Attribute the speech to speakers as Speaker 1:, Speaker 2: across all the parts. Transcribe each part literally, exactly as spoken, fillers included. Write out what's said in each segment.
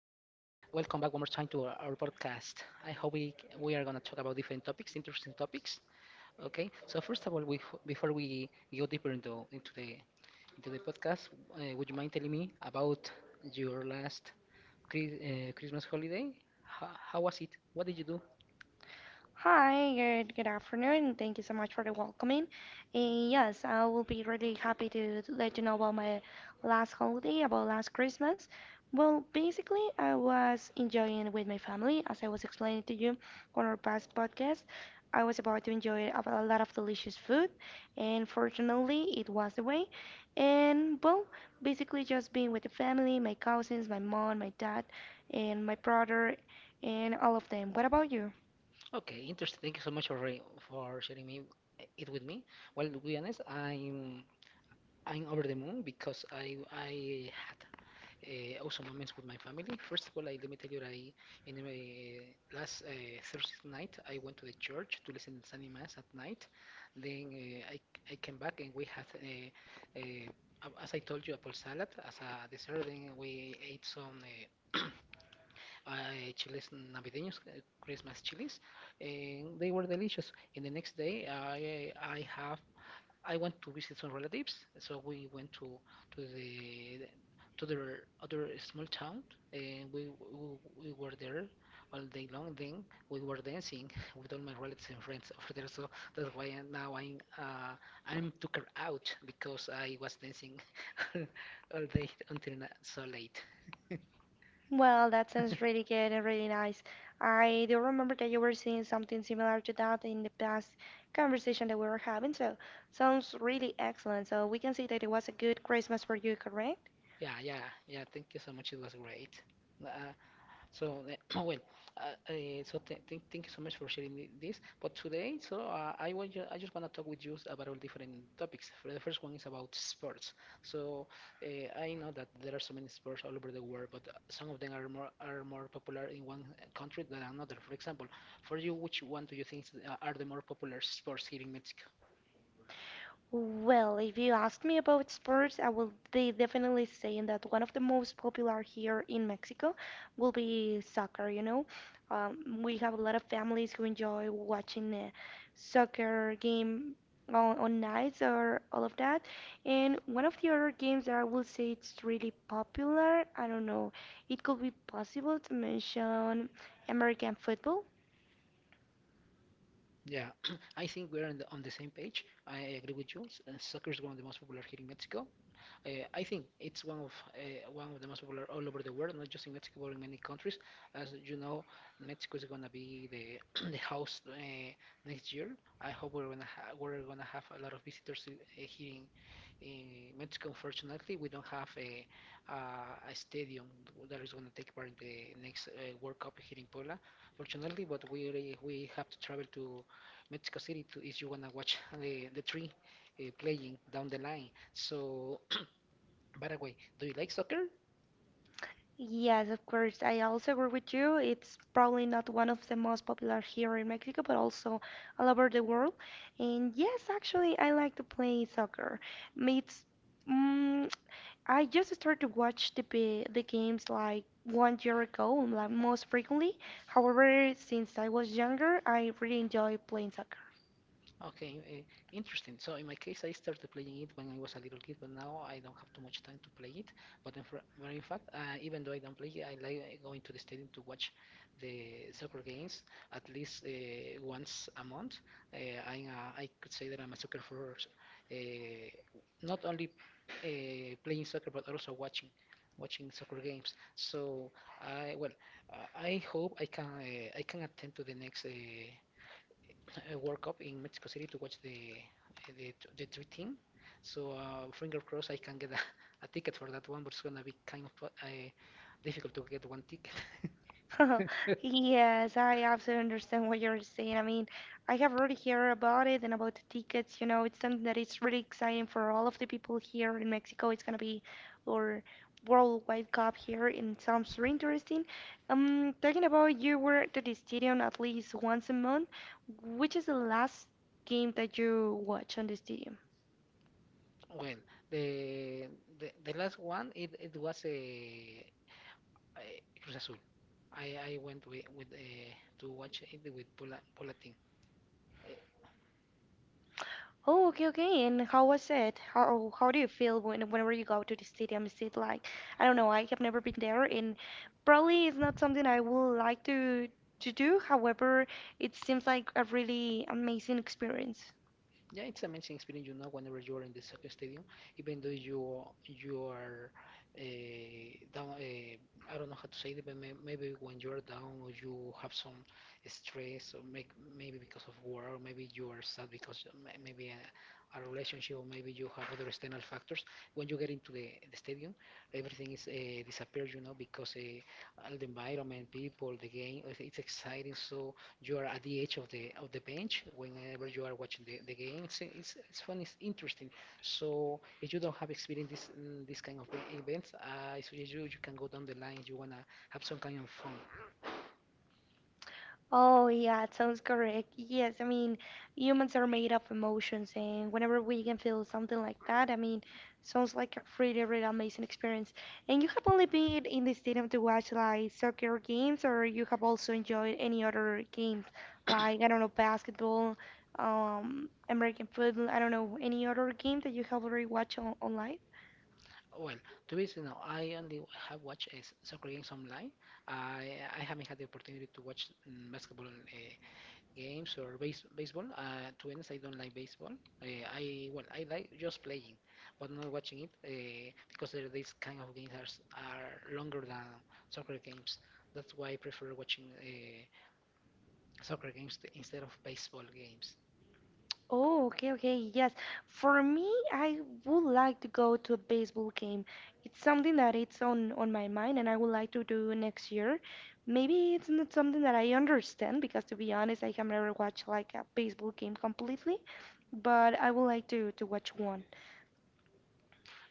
Speaker 1: welcome back one more time to our, our podcast. I hope we we are gonna talk about different topics, interesting topics. Okay, so first of all, we before we go deeper into into the into the podcast, uh, would you mind telling me about your last Chris, uh, Christmas holiday? How, how was it? What did you do?
Speaker 2: Hi, good good afternoon. Thank you so much for the welcoming. And yes, I will be really happy to to let you know about my last holiday, about last Christmas. Well, basically, I was enjoying it with my family, as I was explaining to you on our past podcast. I was about to enjoy a a lot of delicious food, and fortunately, it was the way. And well, basically, just being with the family, my cousins, my mom, my dad, and my brother, and all of them. What about you?
Speaker 1: Okay, interesting. Thank you so much for for sharing me eh, it with me. Well, to be honest, I'm I'm over the moon because I I had uh, awesome moments with my family. First of all, I, let me tell you, that I in uh, last uh, Thursday night I went to the church to listen to Sunday mass at night. Then uh, I I came back and we had uh, uh, a- as I told you, apple salad as a dessert. Then we ate some uh, uh, chiles navideños, uh, Christmas chilies, and they were delicious. And the next day, I I have I went to visit some relatives, so we went to to the to the other small town, and we we, we were there all day long. Then we were dancing with all my relatives and friends over there. So that's why now I'm uh, I'm took her out because I was dancing all day until na- so late.
Speaker 2: Well, that sounds really good and really nice. I do remember that you were saying something similar to that in the past conversation that we were having, so sounds really excellent. So we can say that it was a good Christmas for you, correct?
Speaker 1: Yeah, yeah, yeah. Thank you so much. It was great. Uh, So, uh, well, uh, uh, so th th thank you so much for sharing thi- this. But today, so uh, I want you, I just want to talk with you about all different topics. For the first one is about sports. So uh, I know that there are so many sports all over the world, but uh, some of them are more are more popular in one uh, country than another. For example, for you, which one do you think is, uh, are the more popular sports here in Mexico?
Speaker 2: Well, if you ask me about sports, I will be definitely saying that one of the most popular here in Mexico will be soccer, you know. Um, we have a lot of families who enjoy watching a soccer game on, on nights or all of that. And one of the other games that I will say it's really popular, I don't know, it could be possible to mention American football.
Speaker 1: Yeah, I think we're on the, on the same page. I agree with you. S- uh, Soccer is one of the most popular here in Mexico. Uh, I think it's one of uh, one of the most popular all over the world, not just in Mexico, but in many countries. As you know, Mexico is gonna be the the host uh, next year. I hope we're gonna ha- we're gonna have a lot of visitors in, uh, here in, in Mexico. Unfortunately, we don't have a a, a stadium that is gonna take part in the next uh, World Cup here in Puebla. Fortunately, but we we have to travel to Mexico City to if you wanna watch the the three uh, playing down the line. So by the way, do you like soccer?
Speaker 2: Yes, of course. I also agree with you. It's probably not one of the most popular here in Mexico, but also all over the world. And yes, actually, I like to play soccer. Mm, It's mm I just started to watch the pa- the games like one year ago, like most frequently. However, since I was younger, I really enjoy playing soccer.
Speaker 1: Okay, uh, interesting. So in my case, I started playing it when I was a little kid, but now I don't have too much time to play it. But in, but in fact, uh, even though I don't play it, I like uh, going to the stadium to watch the soccer games at least uh, once a month. Uh, I'm a, I could say that I'm a soccer for uh, not only uh, playing soccer, but also watching watching soccer games. So I well, uh, I hope I can uh, I can attend to the next. Uh, uh, World Cup in Mexico City to watch the eh, the the three team. So uh, finger crossed I can get a, a ticket for that one, but it's gonna be kind of uh, difficult to get one ticket.
Speaker 2: Yes, I absolutely understand what you're saying. I mean, I have already heard about it and about the tickets. You know, it's something that is really exciting for all of the people here in Mexico. It's gonna be our worldwide cup here, and it sounds really interesting. Um, talking about you were to the stadium at least once a month. Which is the last game that you watch on the stadium?
Speaker 1: Well, the the, the last one it, it was a, a Cruz Azul. I, I went with, with uh, to watch it with Paula, Paula team. Eh,
Speaker 2: Oh, okay, okay. And how was it? How oh, how do you feel when whenever you go to the stadium? Is it like I don't know, I have never been there and probably it's not something I would like to to do. However, it seems like a really amazing experience.
Speaker 1: yeah, it's amazing experience, you know, whenever you are in the soccer stadium, even though you you are uh, down. Uh, I don't know how to say it, but may, maybe when you are down or you have some stress, or make, maybe because of war, or maybe you are sad because may- maybe a, a relationship, or maybe you have other external factors. When you get into the, the stadium, everything is uh, disappears, you know, because uh, all the environment, people, the game, it's it's exciting. So you are at the edge of the of the bench whenever you are watching the, the game. It's, it's it's fun. It's interesting. So if you don't have experience this mm, this kind of e- events, I suggest you you can go down the line. If you wanna have some kind of fun.
Speaker 2: Oh, yeah, it sounds correct. Yes, I mean, humans are made of emotions, and whenever we can feel something like that, I mean, sounds like a really, really amazing experience. And you have only been in the stadium to watch like soccer games, or you have also enjoyed any other games, like, I don't know, basketball, um, American football, I don't know, any other game that you have already watched on online?
Speaker 1: Well, to be honest, no, I only have watched uh, soccer games online. I I haven't had the opportunity to watch mm, basketball uh, games or base, baseball. Uh, to be honest, I don't like baseball. Uh, I well, I like just playing, but not watching it uh, because there, these kind of games are, s- are longer than soccer games. That's why I prefer watching uh, soccer games t- instead of baseball games.
Speaker 2: Oh, okay, okay, yes. For me, I would like to go to a baseball game. It's something that it's on on my mind and I would like to do next year. Maybe it's not something that I understand because to be honest, I have never watched like a baseball game completely, but I would like to to watch one.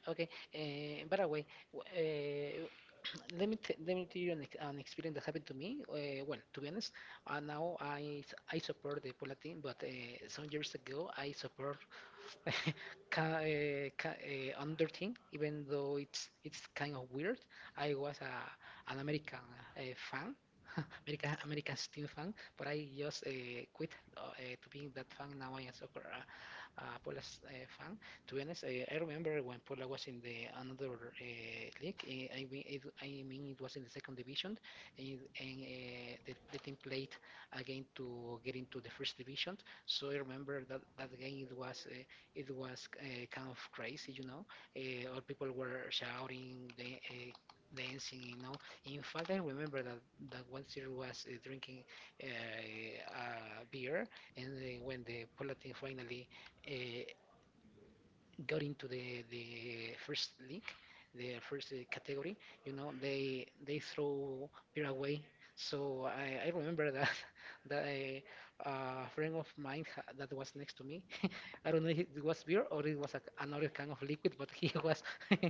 Speaker 1: Okay, uh, by the way, w- uh, let me t- let me tell you an, ex- an experience that happened to me. Uh, well, to be honest, uh, now I s- I support the Puebla team, but uh, some years ago I support ca- uh, ca- uh, under thing, even though it's it's kind of weird. I was a, an American uh, fan, American American team fan, but I just uh, quit uh, uh, to being that fan. Now I am soccer uh, uh, Pola's uh, fan. To be honest, uh, I remember when Pola was in the another uh, league. Uh, I mean, it, I mean it was in the second division, and, and uh, the, the team played again to get into the first division. So I remember that that game. It was uh, it was uh, kind of crazy, you know. Uh, all people were shouting, the, uh, dancing, you know in fact, I remember that, that one teacher was uh, drinking uh, uh, beer, and uh, when the Palatine finally uh, got into the, the first league, the first uh, category, you know, they they throw beer away. So I, I remember that that a, a friend of mine ha- that was next to me, I don't know if it was beer or it was a, another kind of liquid, but he was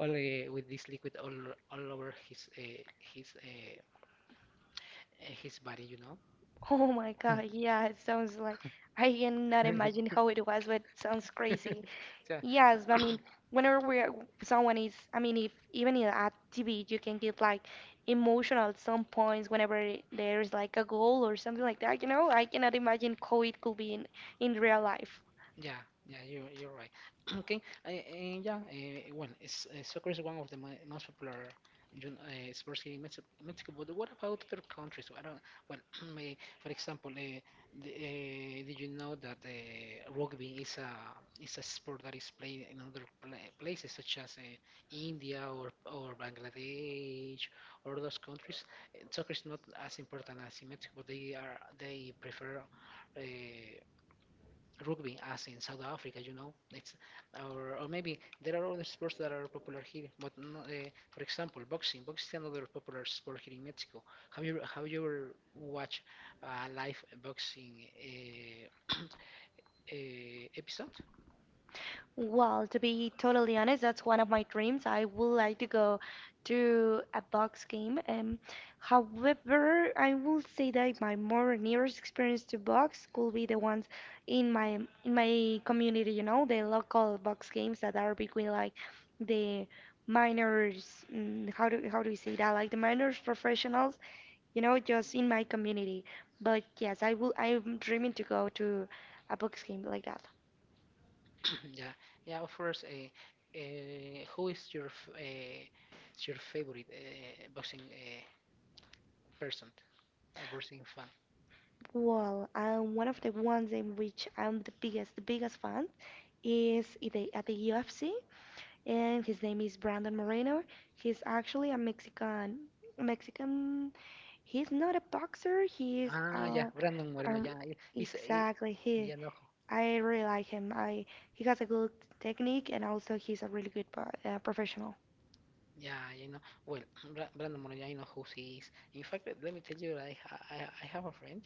Speaker 1: all uh, with this liquid all all over his uh, his uh, his body, you know.
Speaker 2: Oh my God, yeah, it sounds like I cannot imagine how it was, but it sounds crazy.
Speaker 1: Yeah,
Speaker 2: Yes, I mean, whenever we are, someone is, I mean, if even in at T V, you can get like emotional at some points whenever there is like a goal or something like that, you know? I cannot imagine how it could be in in real life.
Speaker 1: yeah, yeah, you you're right. Okay, I, and yeah, uh, well, it's, uh, Soccer is one of the mo most popular you know, uh, sports here in Mexico, Mexico. But what about other countries? I don't. Well, may- for example, uh, the, uh, did you know that uh, rugby is a is a sport that is played in other pla places such as uh, India or or Bangladesh or those countries? Uh, Soccer is not as important as in Mexico. They are they prefer. Uh, rugby as in South Africa, you know, it's or or maybe there are other sports that are popular here, but no, uh, for example, boxing. Boxing is another popular sport here in Mexico. Have you have you ever watched a live boxing uh, uh, episode?
Speaker 2: Well, to be totally honest, that's one of my dreams. I would like to go to a box game. Um, however, I will say that my more nearest experience to box could be the ones in my in my community, you know, the local box games that are between like the minors, mm, how do how do we say that? Like the minors professionals, you know, just in my community. But yes, I will I'm dreaming to go to a box game like that.
Speaker 1: yeah, yeah. Of course, uh, uh, who is your f- uh, your favorite uh, boxing uh, person, a boxing fan?
Speaker 2: Well, um, one of the ones in which I'm the biggest, the biggest fan is at the, at the U F C, and his name is Brandon Moreno. He's actually a Mexican, Mexican. He's not a boxer. He's
Speaker 1: Ah, yeah,
Speaker 2: uh,
Speaker 1: Brandon Moreno.
Speaker 2: um,
Speaker 1: Yeah, he- he's he,
Speaker 2: exactly he.
Speaker 1: yeah, no.
Speaker 2: I really like him. I He has a good technique, and also he's a really good pro- uh, professional.
Speaker 1: Yeah, you know. Well, Bra- Brandon Moreno, yeah, I know who he is. In fact, let let me tell you, I ha- I, I have a friend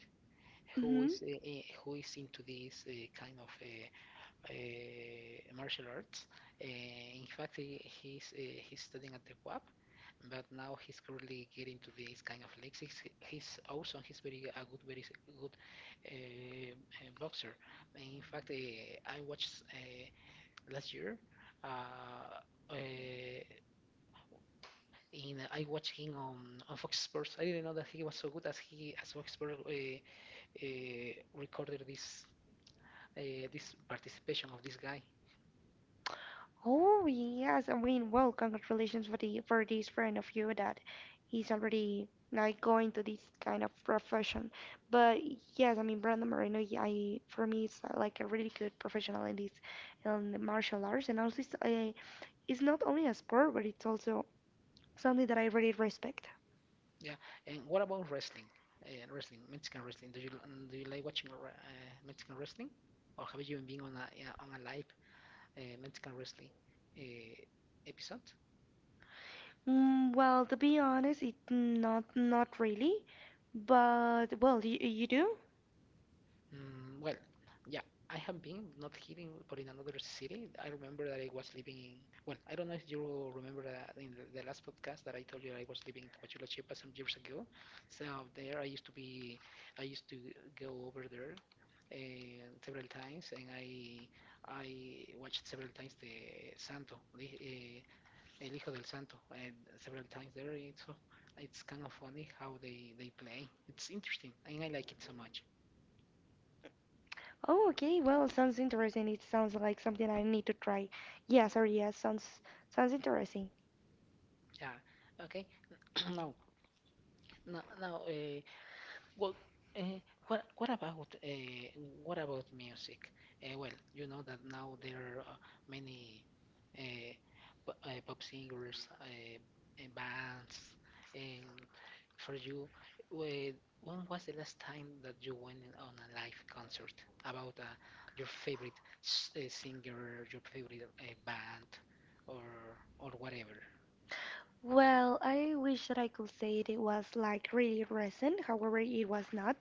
Speaker 1: who
Speaker 2: Hmm.
Speaker 1: is uh, eh, who is into this uh, kind of uh, uh, martial arts. Uh, in fact, he, he's uh, he's studying at the W A P, but now he's currently getting to this kind of legs. He's, he's awesome. He's very a good, very s- good uh, uh, boxer. And in fact, uh, I watched uh, last year. Uh, uh, in uh, I watched him on, on Fox Sports. I didn't know that he was so good as he as Fox Sports uh, uh, recorded this uh, this participation of this guy.
Speaker 2: Oh yes, I mean, well, congratulations for the for this friend of you that he's already like going to this kind of profession. But yes, I mean, Brandon Moreno, yeah, I for me, it's uh, like a really good professional in this in the martial arts, and also it's, uh, it's not only a sport, but it's also something that I really respect.
Speaker 1: Yeah. And what about wrestling? Uh, wrestling, Mexican wrestling. Do you do you like watching uh, Mexican wrestling, or have you been on a yeah, on a live uh, Mexican wrestling uh, episode?
Speaker 2: Mm, well, to be honest, it not not really, but well, you you do?
Speaker 1: Mm, well, yeah, I have been not here in, or in another city. I remember that I was living in, well, I don't know if you remember that in the, the last podcast that I told you I was living in Tapachula, Chiapas some years ago. So there I used to be, I used to go over there uh, several times and I I watched several times the Santo, the, uh, El Hijo del Santo, and several times there. It's, so it's kind of funny how they, they play. It's interesting and I like it so much.
Speaker 2: Oh, okay. Well, sounds interesting. It sounds like something I need to try. Yes, or yes, sounds sounds interesting.
Speaker 1: Yeah. Okay. Now, now, now uh, well, uh, what what about uh, what about music? Uh, well, you know that now there are uh, many uh, p uh, pop singers, uh, uh, bands, and for you, wh- when was the last time that you went on a live concert about uh, your favorite s uh, singer, your favorite uh, band, or or whatever?
Speaker 2: Well, I wish that I could say it was like really recent. However, it was not.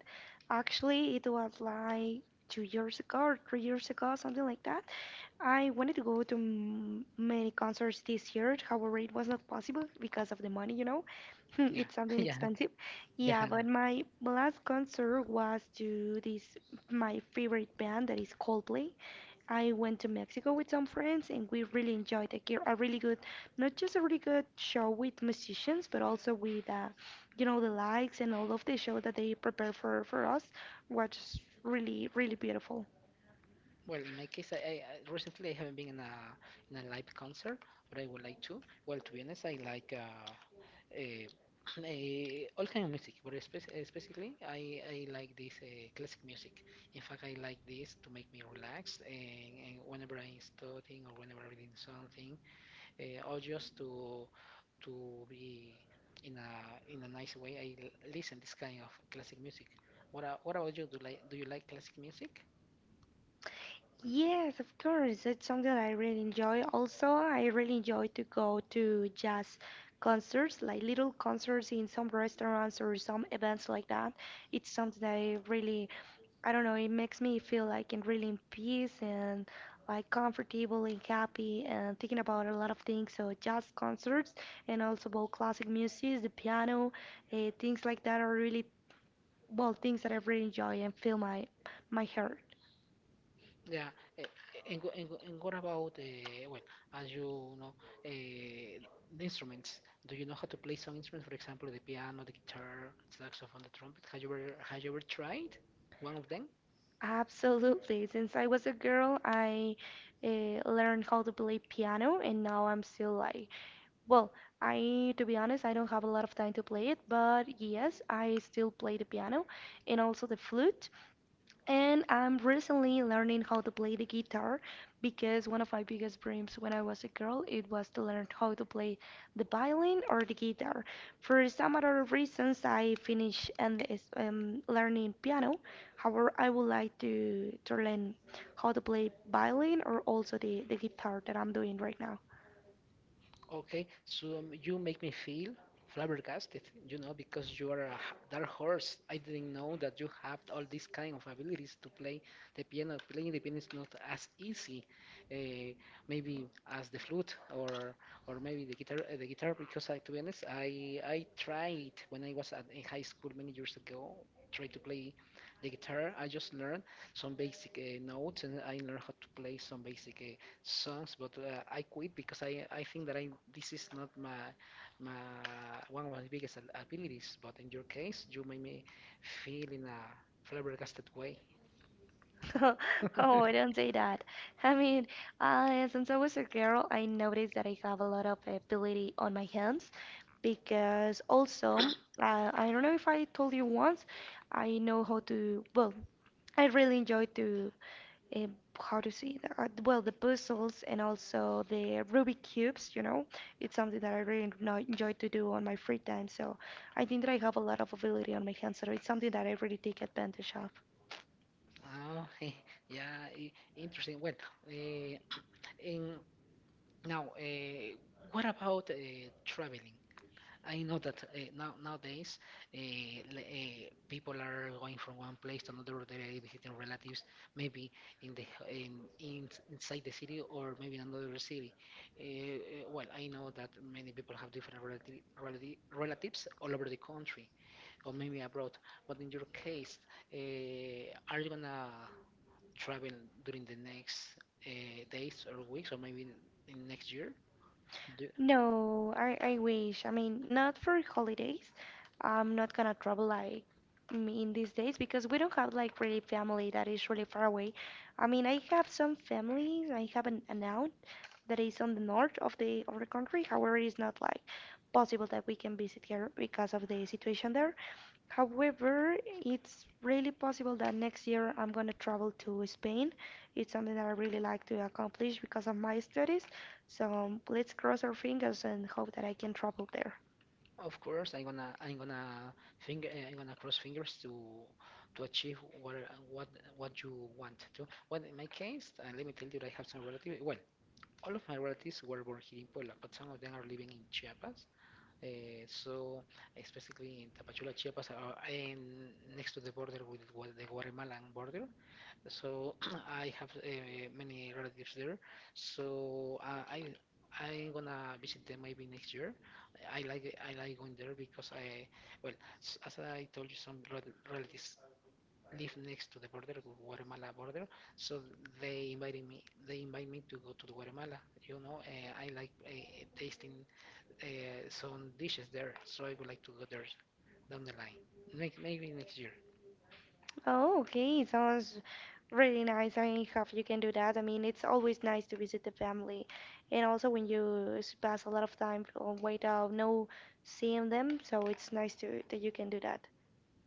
Speaker 2: Actually, it was like two years ago or three years ago, something like that. I wanted to go to m many concerts this year. However, it was not possible because of the money, you know.
Speaker 1: Yeah,
Speaker 2: It's something
Speaker 1: yeah,
Speaker 2: expensive. Yeah,
Speaker 1: yeah.
Speaker 2: but my last concert was to this my favorite band that is Coldplay. I went to Mexico with some friends and we really enjoyed a, a really good, not just a really good show with musicians, but also with uh, you know, the lights and all of the show that they prepare for for us was really, really beautiful.
Speaker 1: Well, in my case, I, I I- recently I haven't been in a in a live concert, but I would like to. Well, to be honest, I like uh, uh, eh, all kind of music, but espe- eh, I, I like this uh, classic music. In fact, I like this to make me relax, and, and whenever I'm studying or whenever I'm reading something, uh, or just to to be in a in a nice way, I l- listen this kind of classic music. What a- what about you? Do like do you like classic music?
Speaker 2: Yes, of course. It's something I really enjoy. Also, I really enjoy to go to jazz concerts, like little concerts in some restaurants or some events like that. It's something I really, I don't know, it makes me feel like in really in peace and like comfortable and happy and thinking about a lot of things. So jazz concerts and also about classic music, the piano, uh, things like that are really, well, things that I really enjoy and fill my my heart.
Speaker 1: Yeah. eh, And, wh- and, wh- and what about, uh, well, as you know, uh, the instruments? Do you know how to play some instruments? For example, the piano, the guitar, saxophone, the trumpet. Have you ever, have you ever tried one of them?
Speaker 2: Absolutely. Since I was a girl, I uh, learned how to play piano, and now I'm still like, well, I, to be honest, I don't have a lot of time to play it, but yes, I still play the piano and also the flute. And I'm recently learning how to play the guitar because one of my biggest dreams when I was a girl it was to learn how to play the violin or the guitar. For some other reasons, I finished and is- um, learning piano. However, I would like to to learn how to play violin or also the, the guitar that I'm doing right now.
Speaker 1: Okay, so um, you make me feel flabbergasted, you know, because you are a h- dark horse. I didn't know that you have all these kind of abilities to play the piano. Playing the piano is not as easy, uh, maybe as the flute or or maybe the guitar. uh, The guitar, because I, to be honest, I I tried when I was at, in high school many years ago. Tried to play the guitar. I just learned some basic uh, notes, and I learned how to play some basic. Uh, songs, but uh, I quit because I I think that I this is not my my one of my biggest ab- abilities. But in your case, you made me feel in a flabbergasted way.
Speaker 2: Oh, I don't say that. I mean, uh, since I was a girl, I noticed that I have a lot of ability on my hands because also, uh, I don't know if I told you once, I know how to, well, I really enjoy to, uh, how to see the, uh, well, the puzzles and also the Rubik cubes, you know, it's something that I really no- enjoy to do on my free time. So I think that I have a lot of ability on my hands, so it's something that I really take advantage of.
Speaker 1: Oh, yeah, i- interesting. Well, uh, in now, uh, what about uh, traveling? I know that uh, now nowadays uh, uh, people are going from one place to another. They're visiting relatives, maybe in the in, in inside the city or maybe in another city. Uh, uh, well, I know that many people have different relative, relati relatives all over the country or maybe abroad. But in your case, uh, are you gonna travel during the next uh, days or weeks or maybe in next year? Do
Speaker 2: No, I, I wish. I mean, not for holidays. I'm not gonna travel like m- in these days because we don't have like really family that is really far away. I mean, I have some families. I have an, an aunt that is on the north of the of the country. However, it's not like possible that we can visit her because of the situation there. However, it's really possible that next year I'm going to travel to Spain. It's something that I really like to accomplish because of my studies. So um, let's cross our fingers and hope that I can travel there.
Speaker 1: Of course, I'm gonna I'm gonna finger eh, I'm gonna cross fingers to to achieve what what what you want to. Well, in my case, uh, let me tell you that I have some relatives. Well, all of my relatives were born here in Puebla, but some of them are living in Chiapas. Uh, so eh, specifically in Tapachula, Chiapas, uh, and next to the border with Gua- the Guatemalan border. So I have uh, many relatives there. So uh, I I'm gonna visit them maybe next year. I like I like going there because I well s- as I told you some rel- relatives live next to the border Guatemala border. So they invited me they invite me to go to Guatemala. You know uh, I like uh, tasting uh, some dishes there. So I would like to go there down the line. Maybe maybe next year.
Speaker 2: Oh, okay. Sounds really nice. I hope you can do that. I mean, it's always nice to visit the family. And also when you s- pass a lot of time uh, without no seeing them, so it's nice to that you can do that.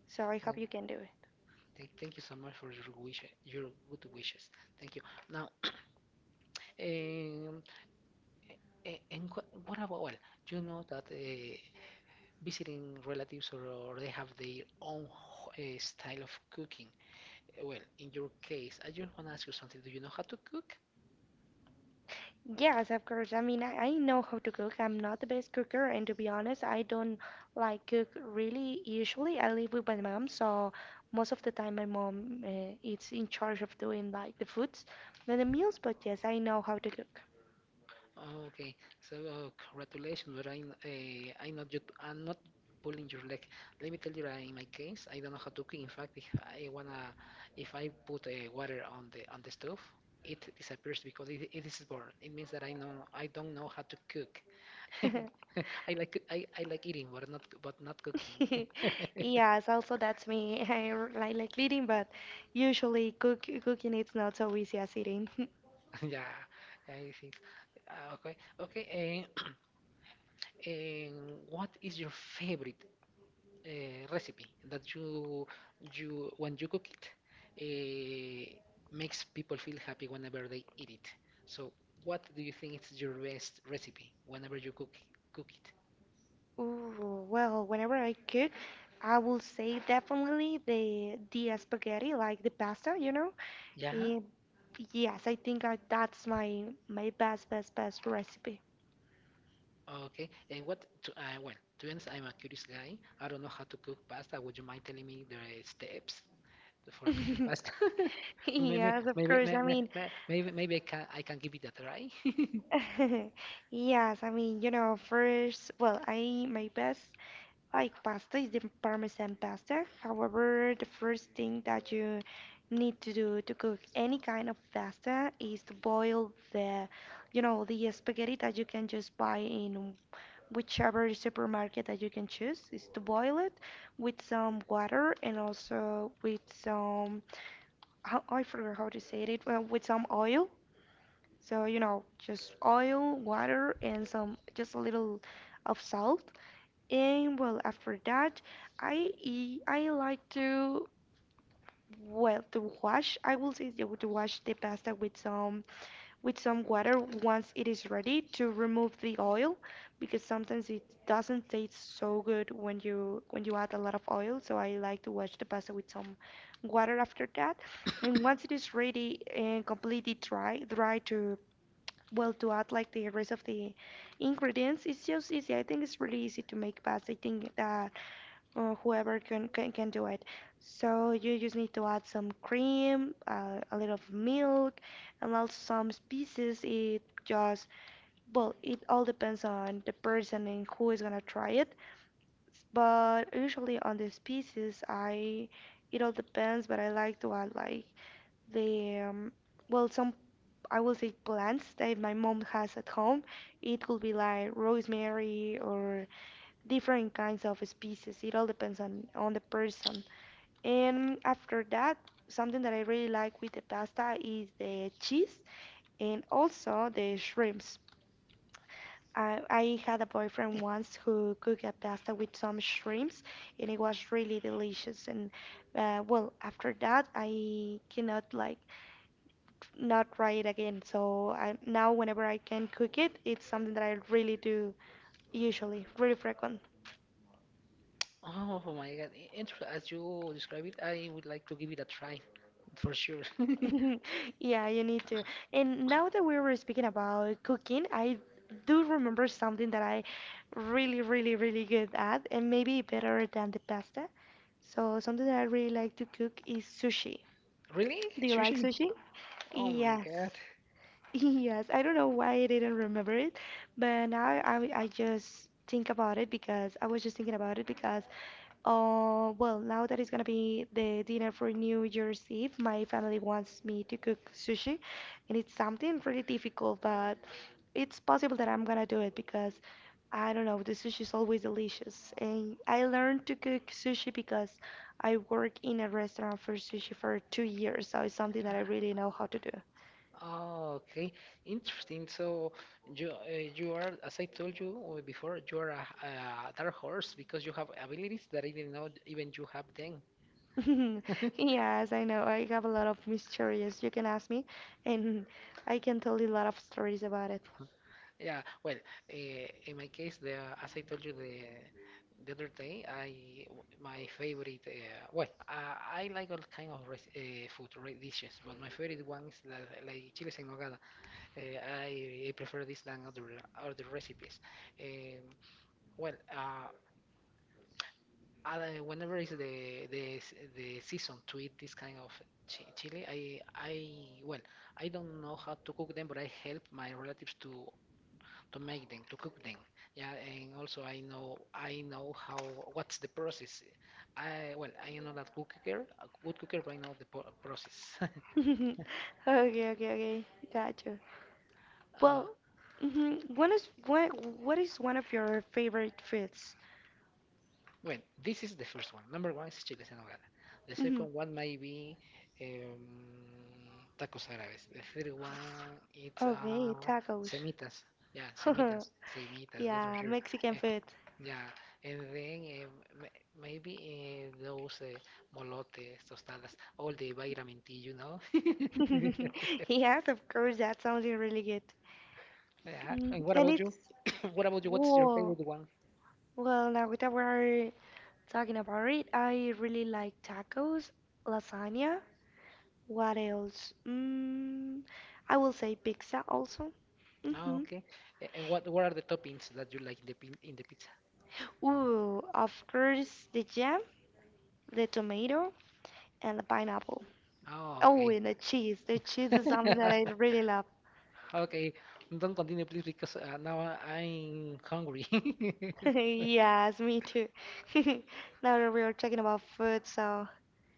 Speaker 2: So I hope you can do it.
Speaker 1: Thank, thank you so much for your wish, your good wishes. Thank you. Now, um, a- and wha- what about well, you know that uh, visiting relatives or, or they have their own uh, style of cooking. Uh, Well, in your case, I just want to ask you something. Do you know how to cook?
Speaker 2: Yes, of course. I mean, I, I know how to cook. I'm not the best cooker, and to be honest, I don't like cook really. Usually, I live with my mom, so most of the time, my mom uh, is in charge of doing like the foods and the meals. But yes, I know how to cook.
Speaker 1: Oh, okay, so uh, congratulations, but I'm uh, I'm not you, I'm not pulling your leg. Let me tell you, uh, in my case, I don't know how to cook. In fact, if I wanna, if I put uh, water on the on the stove, it disappears because it, it is burnt. It means that I know I don't know how to cook. I like I, I like eating, but not but not cooking.
Speaker 2: Yes, also that's me. I r- like like eating, but usually cook cooking it's not so easy as eating.
Speaker 1: Yeah, yeah, I think. Uh, okay, okay. And, and what is your favorite uh, recipe that you you when you cook it uh, makes people feel happy whenever they eat it. So, what do you think is your best recipe whenever you cook cook it?
Speaker 2: Ooh, well, whenever I could, I will say definitely the the spaghetti, like the pasta, you know.
Speaker 1: Yeah.
Speaker 2: Eh, yes, I think I, that's my my best best best recipe.
Speaker 1: Okay. And what? To, uh, well, to be honest, I'm a curious guy. I don't know how to cook pasta. Would you mind telling me the steps for cooking pasta? maybe,
Speaker 2: Yes, of
Speaker 1: maybe,
Speaker 2: course. I
Speaker 1: maybe,
Speaker 2: mean,
Speaker 1: maybe, maybe I can I can give it a try.
Speaker 2: yes, I mean, you know, first, well, I my best Like pasta is the Parmesan pasta. However, the first thing that you need to do to cook any kind of pasta is to boil the, you know, the spaghetti that you can just buy in whichever supermarket that you can choose. Is to boil it with some water and also with some, I I forgot how to say it, well, with some oil. So, you know, just oil, water, and some just a little of salt and well, after that, I e- I like to well to wash. I will say to to wash the pasta with some with some water once it is ready to remove the oil because sometimes it doesn't taste so good when you when you add a lot of oil. So I like to wash the pasta with some water after that. And once it is ready and completely dry, dry to well to add like the rest of the ingredients, it's just easy. I think it's really easy to make pasta. I think uh, or whoever can, can can do it. So you just need to add some cream, uh, a little of milk, and also some spices. It just well, it all depends on the person and who is gonna try it. But usually on the spices, I it all depends, but I like to add like the um, well some. I will say plants that if my mom has at home. It could be like rosemary or different kinds of spices. It all depends on on the person. And after that, something that I really like with the pasta is the cheese and also the shrimps. I, I had a boyfriend once who cooked a pasta with some shrimps, and it was really delicious. And uh, well, after that, I cannot like not try it again. So I, now, whenever I can cook it, it's something that I really do usually, really frequent.
Speaker 1: Oh my god. And as you describe it, I would like to give it a try for sure.
Speaker 2: Yeah, you need to. And now that we were speaking about cooking, I do remember something that I really, really, really good at, and maybe better than the pasta. So something that I really like to cook is sushi.
Speaker 1: Really?
Speaker 2: Do you like
Speaker 1: Sushi?
Speaker 2: sushi?
Speaker 1: Oh my
Speaker 2: Yes.
Speaker 1: god.
Speaker 2: Yes, I don't know why I didn't remember it, but now I, I just think about it because I was just thinking about it because, uh, well, now that it's gonna be the dinner for New Year's Eve, my family wants me to cook sushi, and it's something really difficult, but it's possible that I'm gonna do it because I don't know, the sushi is always delicious, and I learned to cook sushi because I work in a restaurant for sushi for two years, so it's something that I really know how to do.
Speaker 1: Oh, okay. Interesting. So you uh, you are, as I told you uh, before, you are a, a dark horse because you have abilities that I didn't know even you have them.
Speaker 2: Yes, I know. I have a lot of mysteries. You can ask me, and I can tell you a lot of stories about it.
Speaker 1: Yeah, well, uh, in my case, the as I told you the the other day, I my favorite. Uh, well, I, I like all kind of res, uh, food re, dishes, but my favorite one is la, like chiles en nogada. Uh, I, I prefer this than other other recipes. Um, well, uh, I, whenever is the the s- the season to eat this kind of chi- chili, I I well, I don't know how to cook them, but I help my relatives to to make them, to cook them. Yeah, and also I know I know how what's the process. I well I know that cooker, a good cooker, but I know the po- process.
Speaker 2: Okay, okay, okay. Got you.
Speaker 1: uh,
Speaker 2: Well, mhm, one is what? What is one of your favorite foods?
Speaker 1: well, this is the first one. Number one is chiles en nogada. The
Speaker 2: Hmm.
Speaker 1: second one may be um, tacos árabes. The third one it's
Speaker 2: Okay,
Speaker 1: uh,
Speaker 2: tacos.
Speaker 1: semitas. Yeah, semitas, semitas. That's for
Speaker 2: Yeah,
Speaker 1: sure.
Speaker 2: Mexican
Speaker 1: Uh,
Speaker 2: food.
Speaker 1: Yeah, and then eh, m- maybe eh, those eh, molotes, tostadas, all the vitamin T, you know.
Speaker 2: Yes, of course. That sounds really good.
Speaker 1: Yeah.
Speaker 2: Mm,
Speaker 1: And what
Speaker 2: And
Speaker 1: about you?
Speaker 2: it's
Speaker 1: What about you? What's your
Speaker 2: whoa.
Speaker 1: favorite one?
Speaker 2: Well, now that we're Talking about it, I really like tacos, lasagna. What else? Mm, I will say pizza also.
Speaker 1: Oh,
Speaker 2: Hmm.
Speaker 1: okay. A- And what what are the toppings that you like in the pin in the pizza?
Speaker 2: Ooh, of course, the jam, the tomato, and the pineapple.
Speaker 1: Oh,
Speaker 2: Oh,
Speaker 1: okay.
Speaker 2: and the cheese. The cheese is something that I really love.
Speaker 1: Okay. Don't continue, please, because uh, now I- I'm hungry.
Speaker 2: Yes, me too. Now that we are talking about food, so.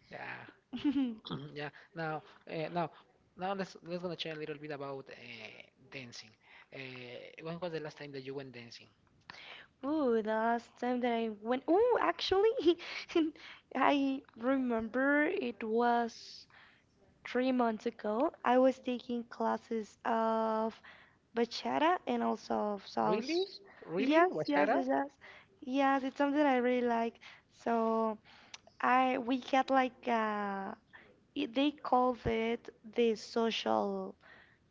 Speaker 1: Yeah. Mhm, Yeah. Now, uh, now, now let's let's gonna chat a little bit about uh, dancing. Uh, when was the last time that you went dancing?
Speaker 2: Ooh, the last time that I went. Ooh, actually, I remember it was. three months ago. I was taking classes of bachata and also of
Speaker 1: Really?
Speaker 2: sauce.
Speaker 1: Really?
Speaker 2: Yes, yes,
Speaker 1: Bachata?
Speaker 2: yes, yes. Yes, it's something I really like. So I we had like uh it- they called it the social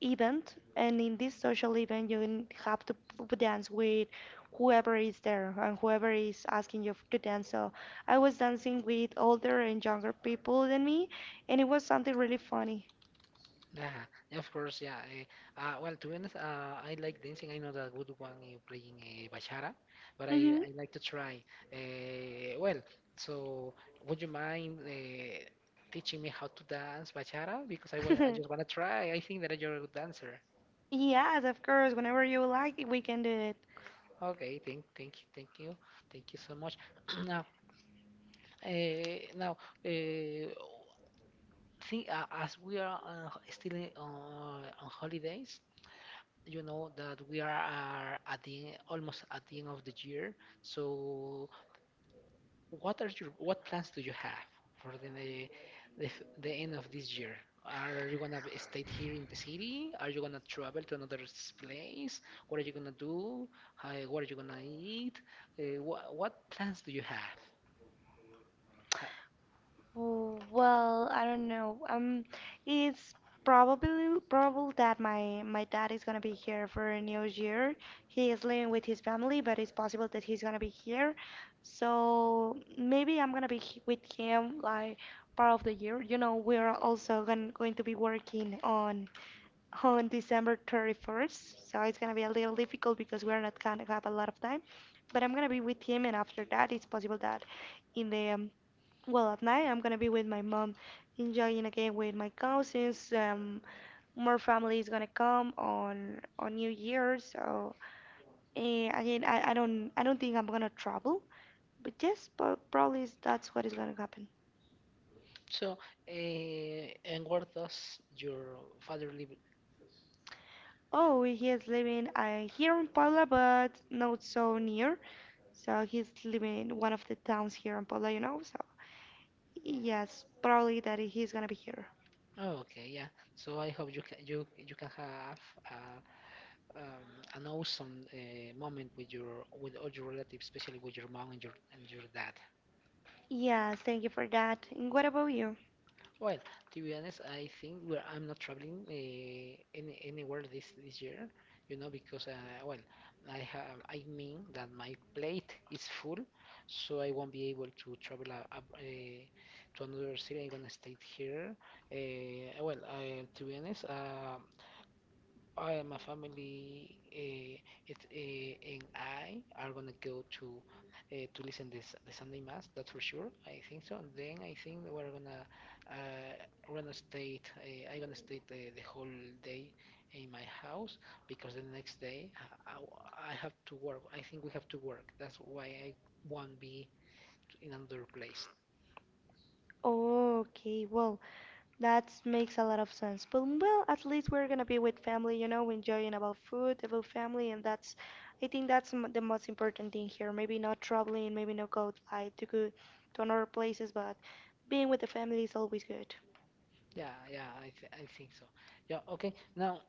Speaker 2: event, and in this social event you n- have to p- dance with whoever is there and whoever is asking you f- to dance. So I was dancing with older and younger people than me, and it was something really funny.
Speaker 1: Yeah, of course. Yeah. eh, Uh, well, to be honest, uh, I like dancing. I know that good one uh, playing uh, bachata, but I
Speaker 2: Mm-hmm.
Speaker 1: I like to try. Uh, well, so would you mind uh, teaching me how to dance bachata? Because I want I just wanna try. I think that you're a good dancer.
Speaker 2: Yes, of course. Whenever you like, we can do it.
Speaker 1: Okay, thank, thank you, thank you, thank you so much. Now, uh, now, uh, think uh, as we are uh, still in, uh, on holidays, you know that we are, are at the almost at the end of the year, so what are your what plans do you have for the the, f- the end of this year? Are you gonna be- stay here in the city? Are you gonna travel to another s- place? What are you gonna do? Uh, what are you gonna eat? Uh, wha what plans do you have? Ha
Speaker 2: W- Well, I don't know. Um, it's probably probable that my my dad is gonna be here for New Year. He is living with his family, but it's possible that he's gonna be here. So maybe I'm gonna be h- with him like part of the year. You know, we're also gon- going to be working on on December thirty-first. So it's gonna be a little difficult because we're not gonna have a lot of time. But I'm gonna be with him, and after that, it's possible that in the um, well at night, I'm gonna be with my mom, enjoying again with my cousins. Um, more family is gonna come on on New Year. So eh, again, I, I don't I don't think I'm gonna travel, but yes, but probably is- that's what is gonna happen.
Speaker 1: so, uh, and where does your father live?
Speaker 2: Oh, he is living uh, here in Puebla, but not so near. So he's living in one of the towns here in Puebla, you know. So yes, probably that he's gonna be here.
Speaker 1: Oh, okay, yeah. So I hope you can you you can have uh, um, an awesome uh, moment with your with all your relatives, especially with your mom and your and your dad.
Speaker 2: Yes, thank you for that. And what about you?
Speaker 1: Well, to be honest, I think where I'm not traveling uh, any, anywhere this this year, you know, because uh, well, I have I mean that my plate is full, so I won't be able to travel uh, uh, to another city. I'm gonna stay here. Uh, well, I, to be honest, uh, I and my family, uh, it's uh, and I are gonna go to uh, to listen this the Sunday mass. That's for sure. I think so. And then I think we're gonna uh, we're gonna stay. Uh, I'm gonna stay the, the whole day in my house because the next day I, I, I have to work. I think we have to work. That's why I won't be in another place.
Speaker 2: Okay, well, that makes a lot of sense. But well, at least we're gonna be with family, you know, enjoying about food, about family, and that's, I think that's m- the most important thing here. Maybe not traveling, maybe not go like to go to another places, but being with the family is always good.
Speaker 1: Yeah, yeah. I th I think so. Yeah. Okay. Now.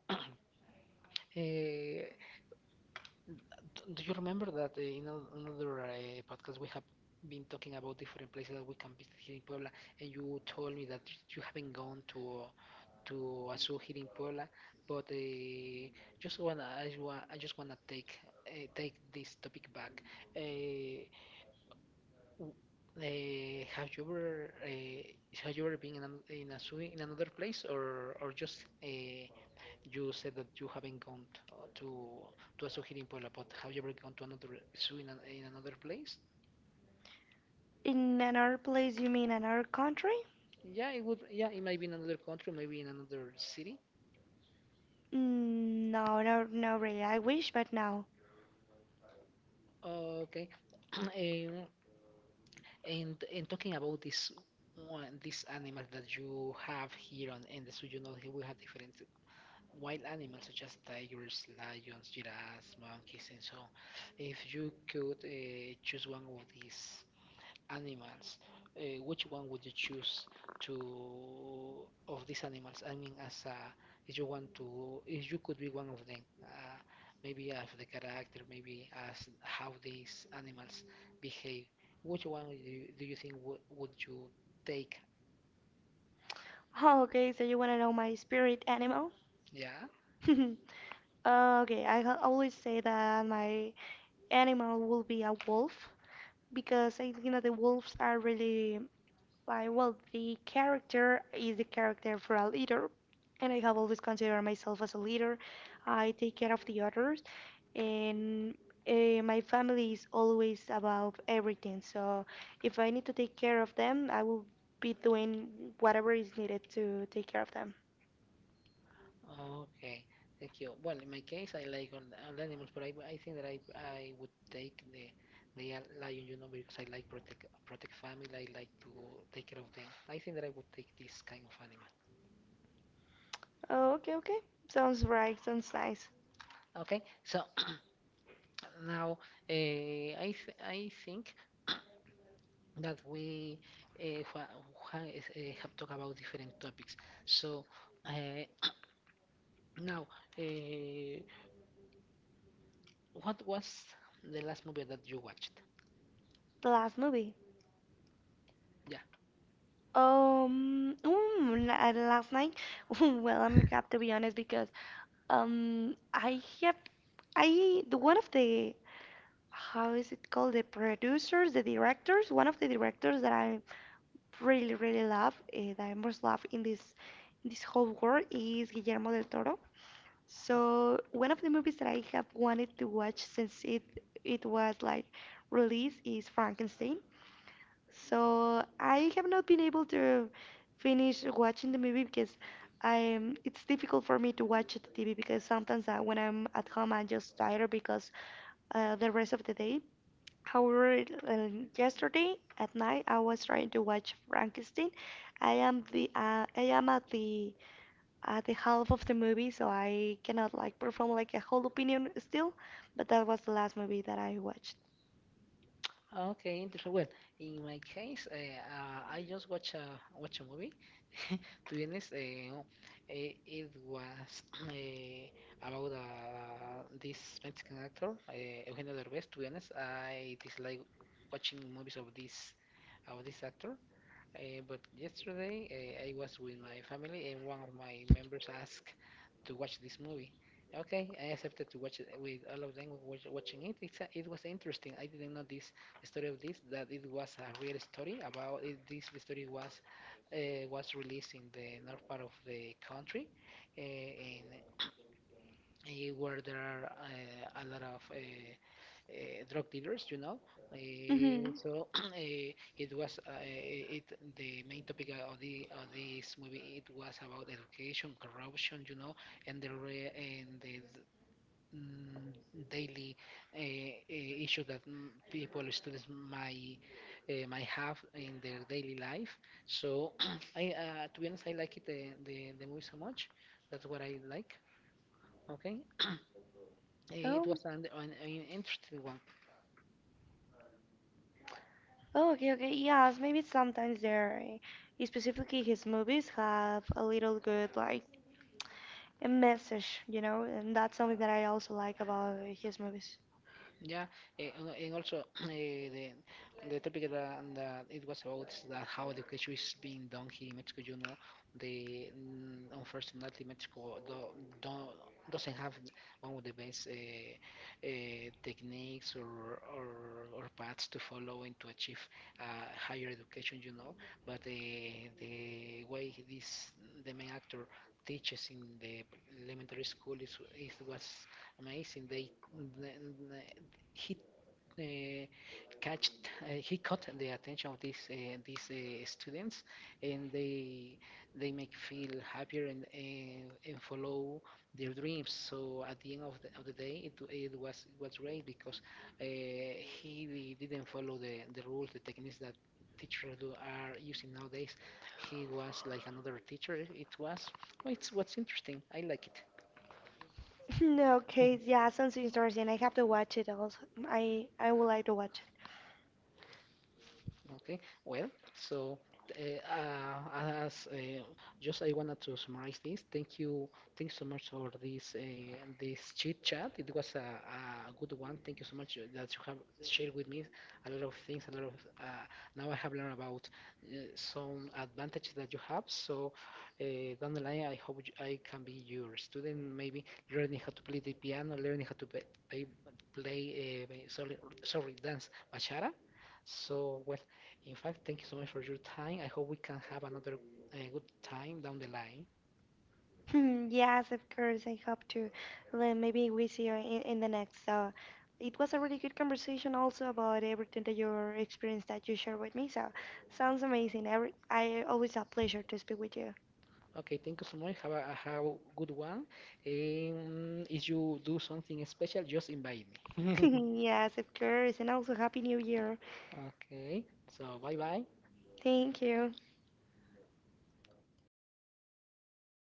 Speaker 1: Uh, Do you remember that uh, in an- another uh, podcast we have been talking about different places that we can visit here in Puebla, and you told me that you haven't gone to uh, to a zoo here in Puebla, but uh, just wanna I, just wa- I just wanna take uh, take this topic back. Uh, w- uh, have you ever uh, have you ever been in, an, in a zoo in another place or or just uh, you said that you haven't gone t- uh, to to a zoo here in Puebla, but have you ever gone to another zoo in, an, in another place?
Speaker 2: In another place, you mean another country?
Speaker 1: Yeah, it would. Yeah, it might be in another country, maybe in another city.
Speaker 2: Mm, no, no, no, really. I wish, but no.
Speaker 1: Okay. Um, and and talking about this one, this animal that you have here on in the zoo, you know, here we have different wild animals such as tigers, lions, giraffes, monkeys, and so on. If you could uh, choose one of these animals, uh, which one would you choose to of these animals? I mean, as a, if you want to, if you could be one of them, uh, maybe as the character, maybe as how these animals behave, which one do you, do you think w- would you take?
Speaker 2: Oh, okay, so you want to know my spirit animal?
Speaker 1: Yeah.
Speaker 2: Uh, okay, I ha- always say that my animal will be a wolf because I think that the wolves are really Why, well, the character is the character for a leader, and I have always considered myself as a leader. I take care of the others, and uh, my family is always above everything. So if I need to take care of them, I will be doing whatever is needed to take care of them.
Speaker 1: Okay, thank you. Well, in my case, I like all, all the animals, but I, I think that I I would take the the yel- lion, you know, because I like protect protect family. I like to take care of them. I think that I would take this kind of animal.
Speaker 2: Oh, okay, okay. Sounds right, sounds nice.
Speaker 1: Okay, so now uh, I th I think that we uh, ha ha- is- eh, have talked about different topics. So uh, now, uh, what was the last movie that you watched?
Speaker 2: The last movie.
Speaker 1: Yeah.
Speaker 2: Um, mm, la- last night. Well, I'm got to be honest because Um, I have, I, the one of the, how is it called? The producers, the directors, one of the directors that I really, really love, uh, that I most love in this, in this whole world is Guillermo del Toro. So one of the movies that I have wanted to watch since it, it was like released is Frankenstein. So I have not been able to finish watching the movie because I am it's difficult for me to watch the T V because sometimes I, when I'm at home I'm just tired because uh, the rest of the day. However, uh, yesterday at night I was trying to watch Frankenstein. I am the uh, I am at the at the half of the movie, so I cannot like perform like a whole opinion still. But that was the last movie that I watched.
Speaker 1: Okay, interesting. Well, in my case, uh, uh, I just watch a watch a movie. To be honest, uh, it, it was uh, about uh, this Mexican actor, uh, Eugenio Derbez. To be honest, I dislike watching movies of this of this actor. Uh, but yesterday uh, I was with my family and one of my members asked to watch this movie. Okay, I accepted to watch it with all of them watch, watching it. It's a, it was interesting. I didn't know this the story of this that it was a real story about it. This the story was uh, was released in the north part of the country, uh, and eh, where there are uh, a lot of uh, uh, drug dealers, you know. Uh,
Speaker 2: Hmm.
Speaker 1: so uh, it was uh, it the main topic of the of this movie. It was about education, corruption, you know, and the re and the d- mm, daily uh, uh, issues that mm, people, students might uh, might have in their daily life. So I uh, to be honest, I like it the the, the movie so much. That's what I like. Okay. Eh, it
Speaker 2: Oh,
Speaker 1: was an, an, an interesting one.
Speaker 2: Oh, okay, okay. Yes, maybe sometimes there, eh, specifically his movies have a little good like a message, you know, and that's something that I also like about his movies.
Speaker 1: Yeah, eh, and and also eh, the the topic that, that it was about is that how education is being done here in Mexico. You know, the mm, unfortunately Mexico do, don't doesn't have one of the best uh, uh, techniques or, or or paths to follow and to achieve uh, higher education. You know, but the the way this the main actor teaches in the elementary school is, is was amazing. They, he uh, catched uh, he caught the attention of these uh, these uh, students and they they make feel happier and and, and follow their dreams, so at the end of the, of the day it, it was it was great because uh, he didn't follow the, the rules, the techniques that teachers do are using nowadays. He was like another teacher. It was, well, it's what's interesting, I like
Speaker 2: No,
Speaker 1: it.
Speaker 2: okay, yeah, sounds interesting. I have to watch it also. I I would like to watch it.
Speaker 1: Okay, well, so uh, uh, as uh, just I wanted to summarize this. Thank you, thanks so much for this uh, this chit chat. It was a, a good one. Thank you so much that you have shared with me a lot of things. A lot of uh, now I have learned about uh, some advantages that you have. So uh, down the line, I hope you- I can be your student. Maybe learning how to play the piano, learning how to play play, play uh, sorry, sorry, dance bachata. So well. In fact, thank you so much for your time. I hope we can have another uh, good time down the line.
Speaker 2: Hmm, yes, of course, I hope to. Then maybe we see you in, in the next. So it was a really good conversation also about everything that your experience that you shared with me. So sounds amazing. Every, I always a pleasure to speak with you.
Speaker 1: Okay, thank you so much. Have a, uh, have a good one. Um, if you do something special, just invite me.
Speaker 2: yes, of course, and also Happy New Year.
Speaker 1: Okay, so bye bye.
Speaker 2: Thank you.